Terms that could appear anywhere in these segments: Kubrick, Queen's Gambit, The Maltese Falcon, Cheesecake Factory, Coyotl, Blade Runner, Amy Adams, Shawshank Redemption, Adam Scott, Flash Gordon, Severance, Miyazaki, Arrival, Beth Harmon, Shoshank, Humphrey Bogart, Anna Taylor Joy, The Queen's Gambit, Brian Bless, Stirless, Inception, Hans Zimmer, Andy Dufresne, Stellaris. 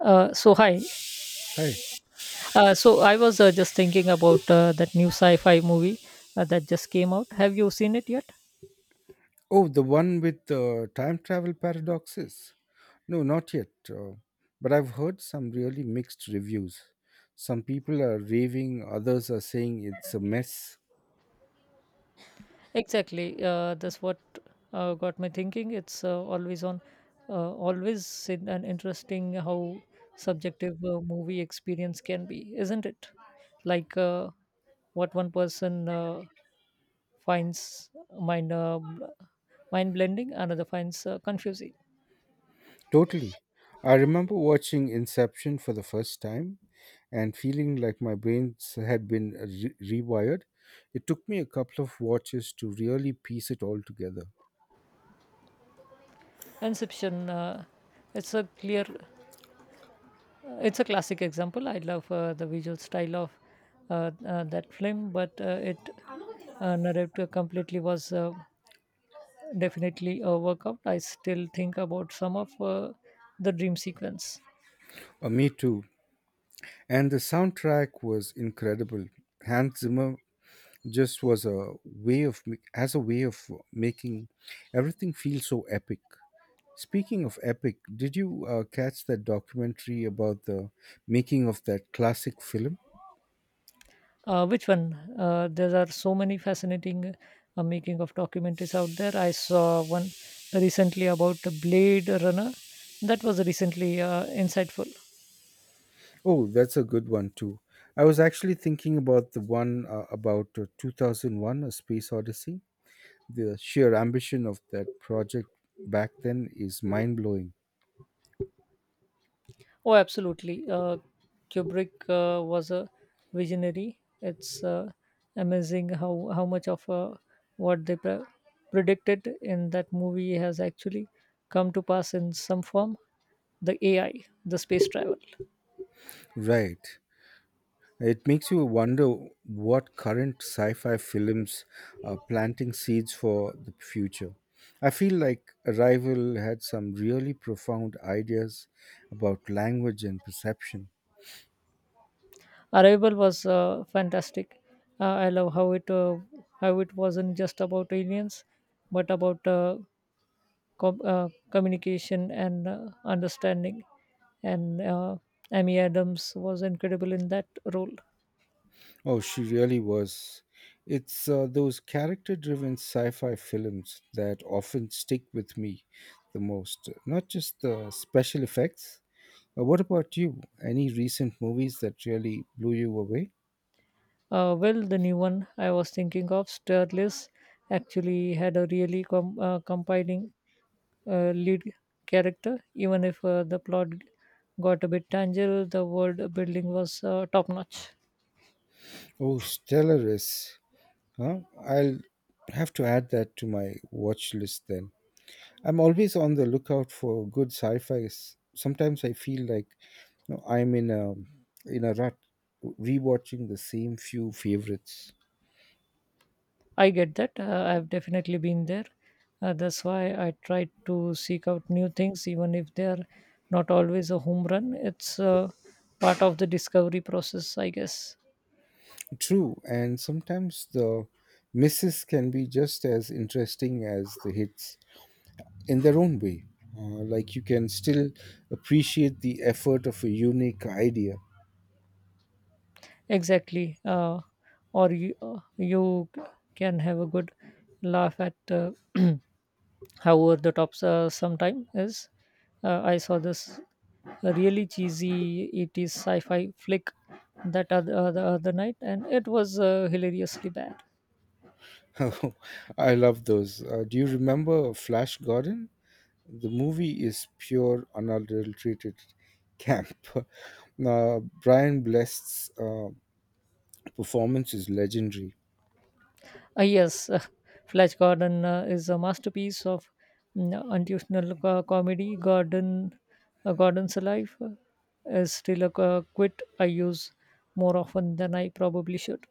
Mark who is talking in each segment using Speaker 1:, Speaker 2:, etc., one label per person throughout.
Speaker 1: So hi.
Speaker 2: Hi.
Speaker 1: So I was just thinking about that new sci-fi movie that just came out. Have you seen it yet?
Speaker 2: Oh, the one with the time travel paradoxes. No, not yet. But I've heard some really mixed reviews. Some people are raving, others are saying it's a mess.
Speaker 1: Exactly. That's what got me thinking. It's always in an interesting how subjective movie experience can be, isn't it? Like what one person finds mind uh, mind blending, another finds confusing.
Speaker 2: Totally. I remember watching Inception for the first time and feeling like my brains had been rewired. It took me a couple of watches to really piece it all together.
Speaker 1: Inception. It's a clear It's a classic example. I love the visual style of that film, but it narrative completely was definitely a workout. I still think about some of the dream sequence.
Speaker 2: Me too. And the soundtrack was incredible. Hans Zimmer just was a way of as a way of making everything feel so epic. Speaking of epic, did you catch that documentary about the making of that classic film?
Speaker 1: Which one? There are so many fascinating making of documentaries out there. I saw one recently about Blade Runner. That was recently insightful.
Speaker 2: Oh, that's a good one too. I was actually thinking about the one about 2001 A Space Odyssey. The sheer ambition of that project back then is mind blowing.
Speaker 1: Oh, absolutely. Kubrick was a visionary. It's amazing how much of what they predicted in that movie has actually come to pass in some form. The AI, the space travel.
Speaker 2: Right. It makes you wonder what current sci fi films are planting seeds for the future. I feel like Arrival had some really profound ideas about language and perception.
Speaker 1: Arrival was fantastic. I love how it wasn't just about aliens, but about communication and understanding. And Amy Adams was incredible in that role.
Speaker 2: Oh, she really was. It's those character driven sci fi films that often stick with me the most, not just the special effects. What about you? Any recent movies that really blew you away?
Speaker 1: Well, the new one I was thinking of, Stirless, actually had a really compiling lead character. Even if the plot got a bit tangible, the world building was top notch.
Speaker 2: Oh, Stellaris. Huh? I'll have to add that to my watch list then. I'm always on the lookout for good sci-fi. Sometimes I feel like, I'm in a rut, rewatching the same few favorites.
Speaker 1: I get that. I've definitely been there. That's why I try to seek out new things, even if they are not always a home run. It's part of the discovery process, I guess.
Speaker 2: True, and sometimes the misses can be just as interesting as the hits in their own way. Like you can still appreciate the effort of a unique idea.
Speaker 1: Exactly. Or you can have a good laugh at how over the top sometime is. I saw this really cheesy 80s sci fi flick the other night, and it was hilariously bad.
Speaker 2: I love those. Do you remember Flash Gordon? The movie is pure, unadulterated camp. Brian Bless's performance is legendary.
Speaker 1: Ah, yes, Flash Gordon is a masterpiece of unintentional comedy. Gordon's life is still a quit I use more often than I probably should.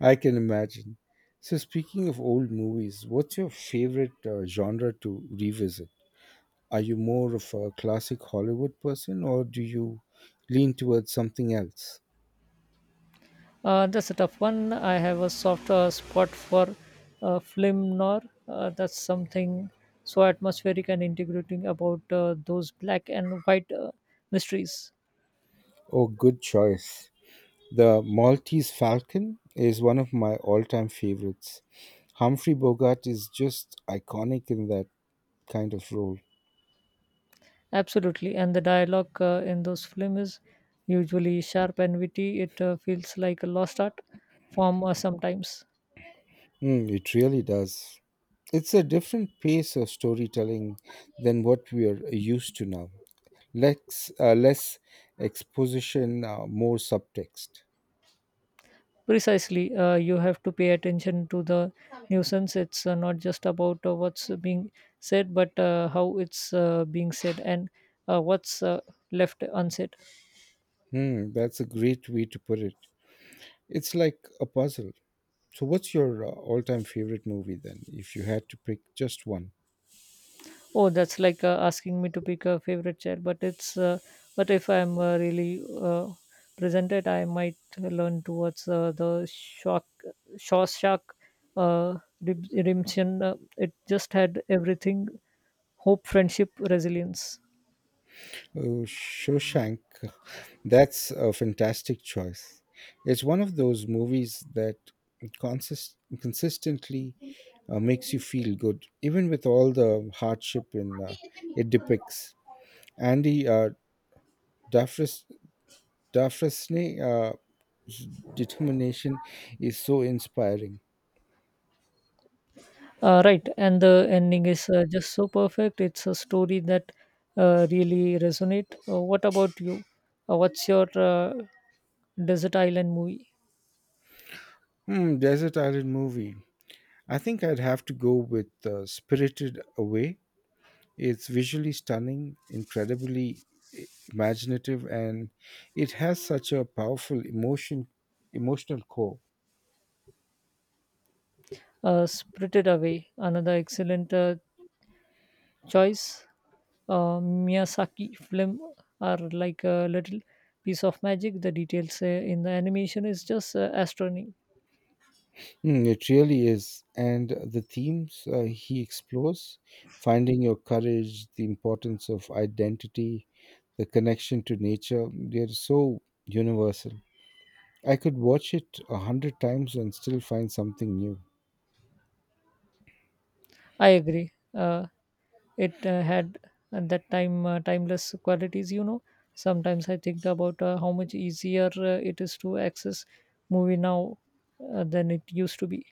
Speaker 2: I can imagine. So, speaking of old movies, what's your favorite genre to revisit? Are you more of a classic Hollywood person or do you lean towards something else?
Speaker 1: That's a tough one. I have a soft spot for film noir. That's something so atmospheric and integrating about those black and white mysteries.
Speaker 2: Oh, good choice. The Maltese Falcon is one of my all time favorites. Humphrey Bogart is just iconic in that kind of role.
Speaker 1: Absolutely, and the dialogue in those films is usually sharp and witty. It feels like a lost art form sometimes.
Speaker 2: Mm, it really does. It's a different pace of storytelling than what we are used to now. Less, less exposition, more subtext.
Speaker 1: Precisely, you have to pay attention to the nuisance. It's not just about what's being said, but how it's being said and what's left unsaid.
Speaker 2: Hmm, that's a great way to put it. It's like a puzzle. So, what's your all time favorite movie then, if you had to pick just one?
Speaker 1: Oh, that's like asking me to pick a favorite chair. But it's but if I'm really presented, I might learn towards the Shawshank Redemption. It just had everything: hope, friendship, resilience.
Speaker 2: Oh, Shoshank. That's a fantastic choice. It's one of those movies that consistently makes you feel good, even with all the hardship in it depicts. Andy Dufresne, uh, s- determination is so inspiring.
Speaker 1: Right, and the ending is just so perfect. It's a story that really resonate. What about you? What's your desert island movie?
Speaker 2: Hmm, Desert Island movie. I think I'd have to go with Spirited Away. It's visually stunning, incredibly imaginative, and it has such a powerful emotional core.
Speaker 1: Spirited Away, another excellent choice. Miyazaki film are like a little piece of magic. The details in the animation is just astronomy.
Speaker 2: Mm, it really is. And the themes he explores, finding your courage, the importance of identity, the connection to nature, they're so universal. I could watch it 100 times and still find something new.
Speaker 1: I agree. It had at that time timeless qualities. You know, sometimes I think about how much easier it is to access movie now than it used to be.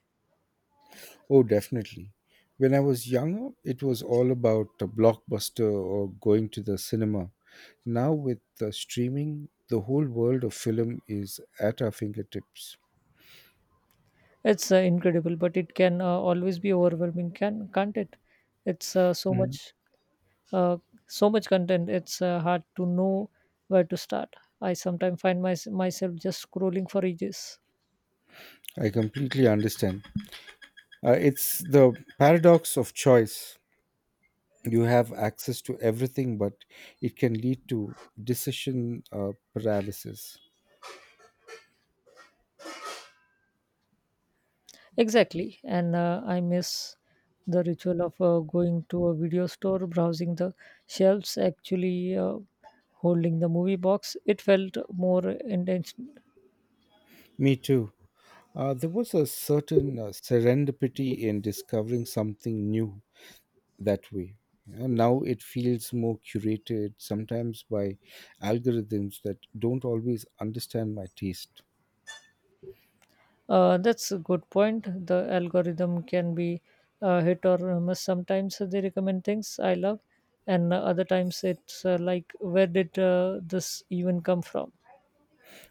Speaker 2: Oh, definitely. When I was younger, it was all about a blockbuster or going to the cinema. Now, with the streaming, the whole world of film is at our fingertips.
Speaker 1: It's incredible, but it can always be overwhelming, can't it? It's
Speaker 2: Mhm.
Speaker 1: uh, so much content. It's hard to know where to start. I sometimes find myself just scrolling for ages.
Speaker 2: I completely understand. It's the paradox of choice. You have access to everything, but it can lead to decision paralysis.
Speaker 1: Exactly, and I miss the ritual of going to a video store, browsing the shelves, actually holding the movie box. It felt more intense.
Speaker 2: Me too. There was a certain serendipity in discovering something new that way. Now it feels more curated, sometimes by algorithms that don't always understand my taste.
Speaker 1: That's a good point. The algorithm can be hit or miss. Sometimes they recommend things I love, and other times it's like, where did this even come from?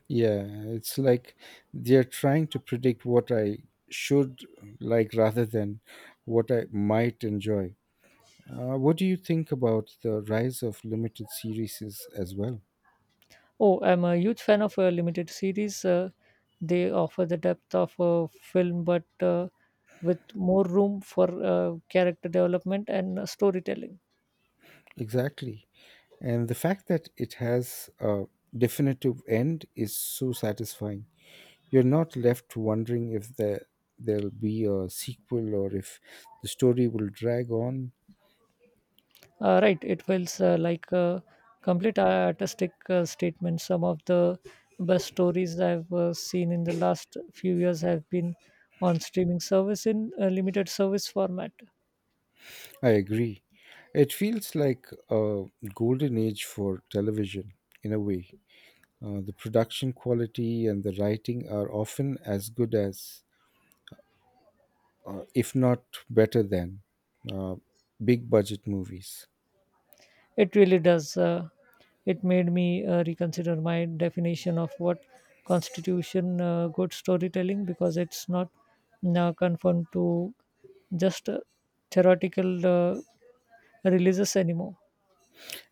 Speaker 2: Yeah, it's like they're trying to predict what I should like rather than what I might enjoy. What do you think about the rise of limited series as well?
Speaker 1: Oh, I'm a huge fan of limited series. They offer the depth of a film, but with more room for character development and storytelling.
Speaker 2: Exactly. And the fact that it has a definitive end is so satisfying. You're not left wondering if there'll be a sequel or if the story will drag on.
Speaker 1: Right, it feels like a complete artistic statement. Some of the best stories I've seen in the last few years have been on streaming service in a limited service format.
Speaker 2: I agree. It feels like a golden age for television in a way. The production quality and the writing are often as good as, if not better than, uh, big budget movies.
Speaker 1: It really does. It made me reconsider my definition of what constitution good storytelling because it's not now confined to just theoretical releases anymore.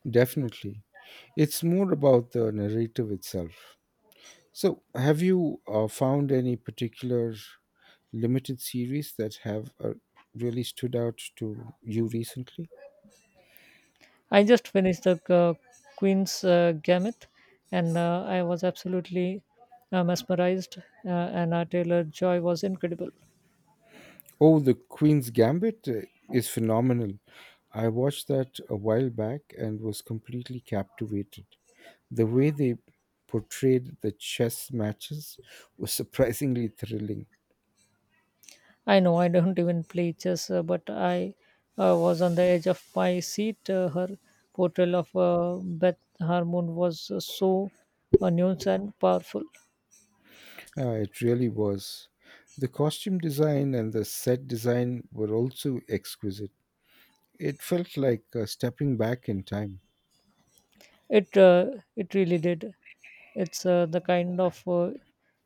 Speaker 2: Definitely. It's more about the narrative itself. So, have you found any particular limited series that have really stood out to you recently?
Speaker 1: I just finished the Queen's Gambit, and I was absolutely mesmerized. Anna Taylor Joy was incredible.
Speaker 2: Oh, The Queen's Gambit is phenomenal. I watched that a while back and was completely captivated. The way they portrayed the chess matches was surprisingly thrilling.
Speaker 1: I know I don't even play chess, but I was on the edge of my seat. Her portrayal of Beth Harmon was so nuanced and powerful.
Speaker 2: It really was. The costume design and the set design were also exquisite. It felt like stepping back in time.
Speaker 1: It uh, it really did. It's the kind of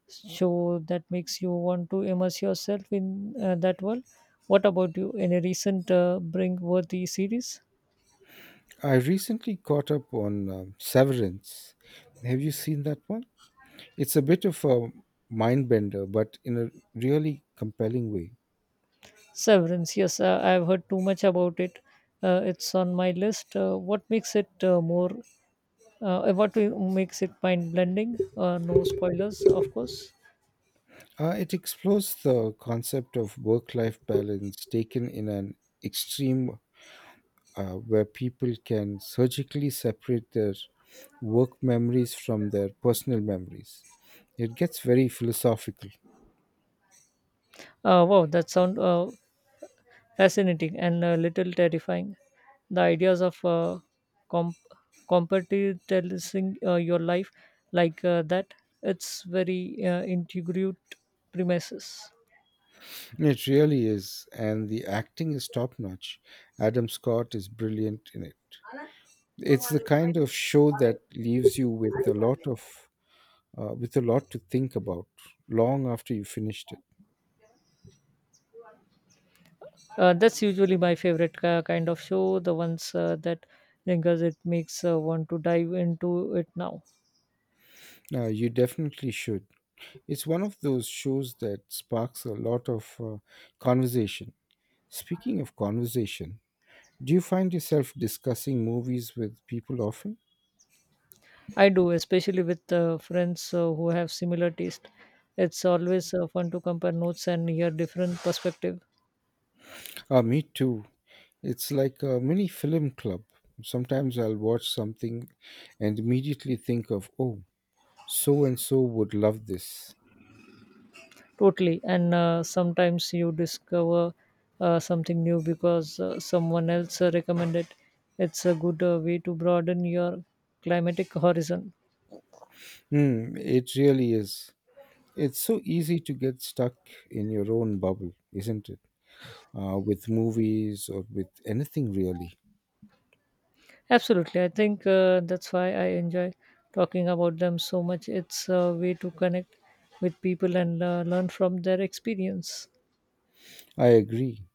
Speaker 1: show that makes you want to immerse yourself in that world. What about you? Any recent Bringworthy series?
Speaker 2: I recently caught up on Severance. Have you seen that one? It's a bit of a mind bender, but in a really compelling way.
Speaker 1: Severance. Yes, I've heard too much about it. It's on my list. What makes it more? What makes it mind blending? No spoilers, of course.
Speaker 2: It explores the concept of work life balance taken in an extreme, where people can surgically separate their work memories from their personal memories. It gets very philosophical.
Speaker 1: Wow, that sound fascinating and a little terrifying. The ideas of comp- compartmentalizing your life like that, it's very integrate premises.
Speaker 2: It really is, and the acting is top notch. Adam Scott is brilliant in it. It's the kind of show that leaves you with a lot of with a lot to think about long after you finished it.
Speaker 1: That's usually my favorite kind of show, the ones that lingers. It makes one to dive into it now.
Speaker 2: You definitely should. It's one of those shows that sparks a lot of conversation. Speaking of conversation, do you find yourself discussing movies with people often?
Speaker 1: I do, especially with friends who have similar taste. It's always fun to compare notes and hear different perspectives.
Speaker 2: Me too. It's like a mini film club. Sometimes I'll watch something and immediately think of, oh, so and so would love this.
Speaker 1: Totally. And sometimes you discover something new because someone else recommended. It's a good way to broaden your climatic horizon.
Speaker 2: Hmm, it really is. It's so easy to get stuck in your own bubble, isn't it? With movies or with anything really.
Speaker 1: Absolutely. I think that's why I enjoy talking about them so much. It's a way to connect with people and learn from their experience.
Speaker 2: I agree.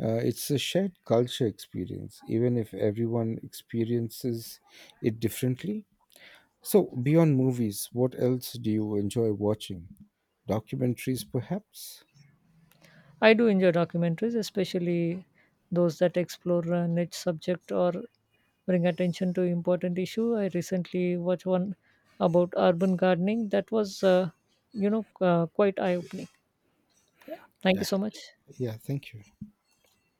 Speaker 2: It's a shared culture experience, even if everyone experiences it differently. So, beyond movies, what else do you enjoy watching? Documentaries, perhaps?
Speaker 1: I do enjoy documentaries, especially those that explore a niche subject or bring attention to important issue. I recently watched one about urban gardening that was, quite eye opening. Yeah. Thank you
Speaker 2: Yeah.
Speaker 1: so much.
Speaker 2: Yeah, thank you.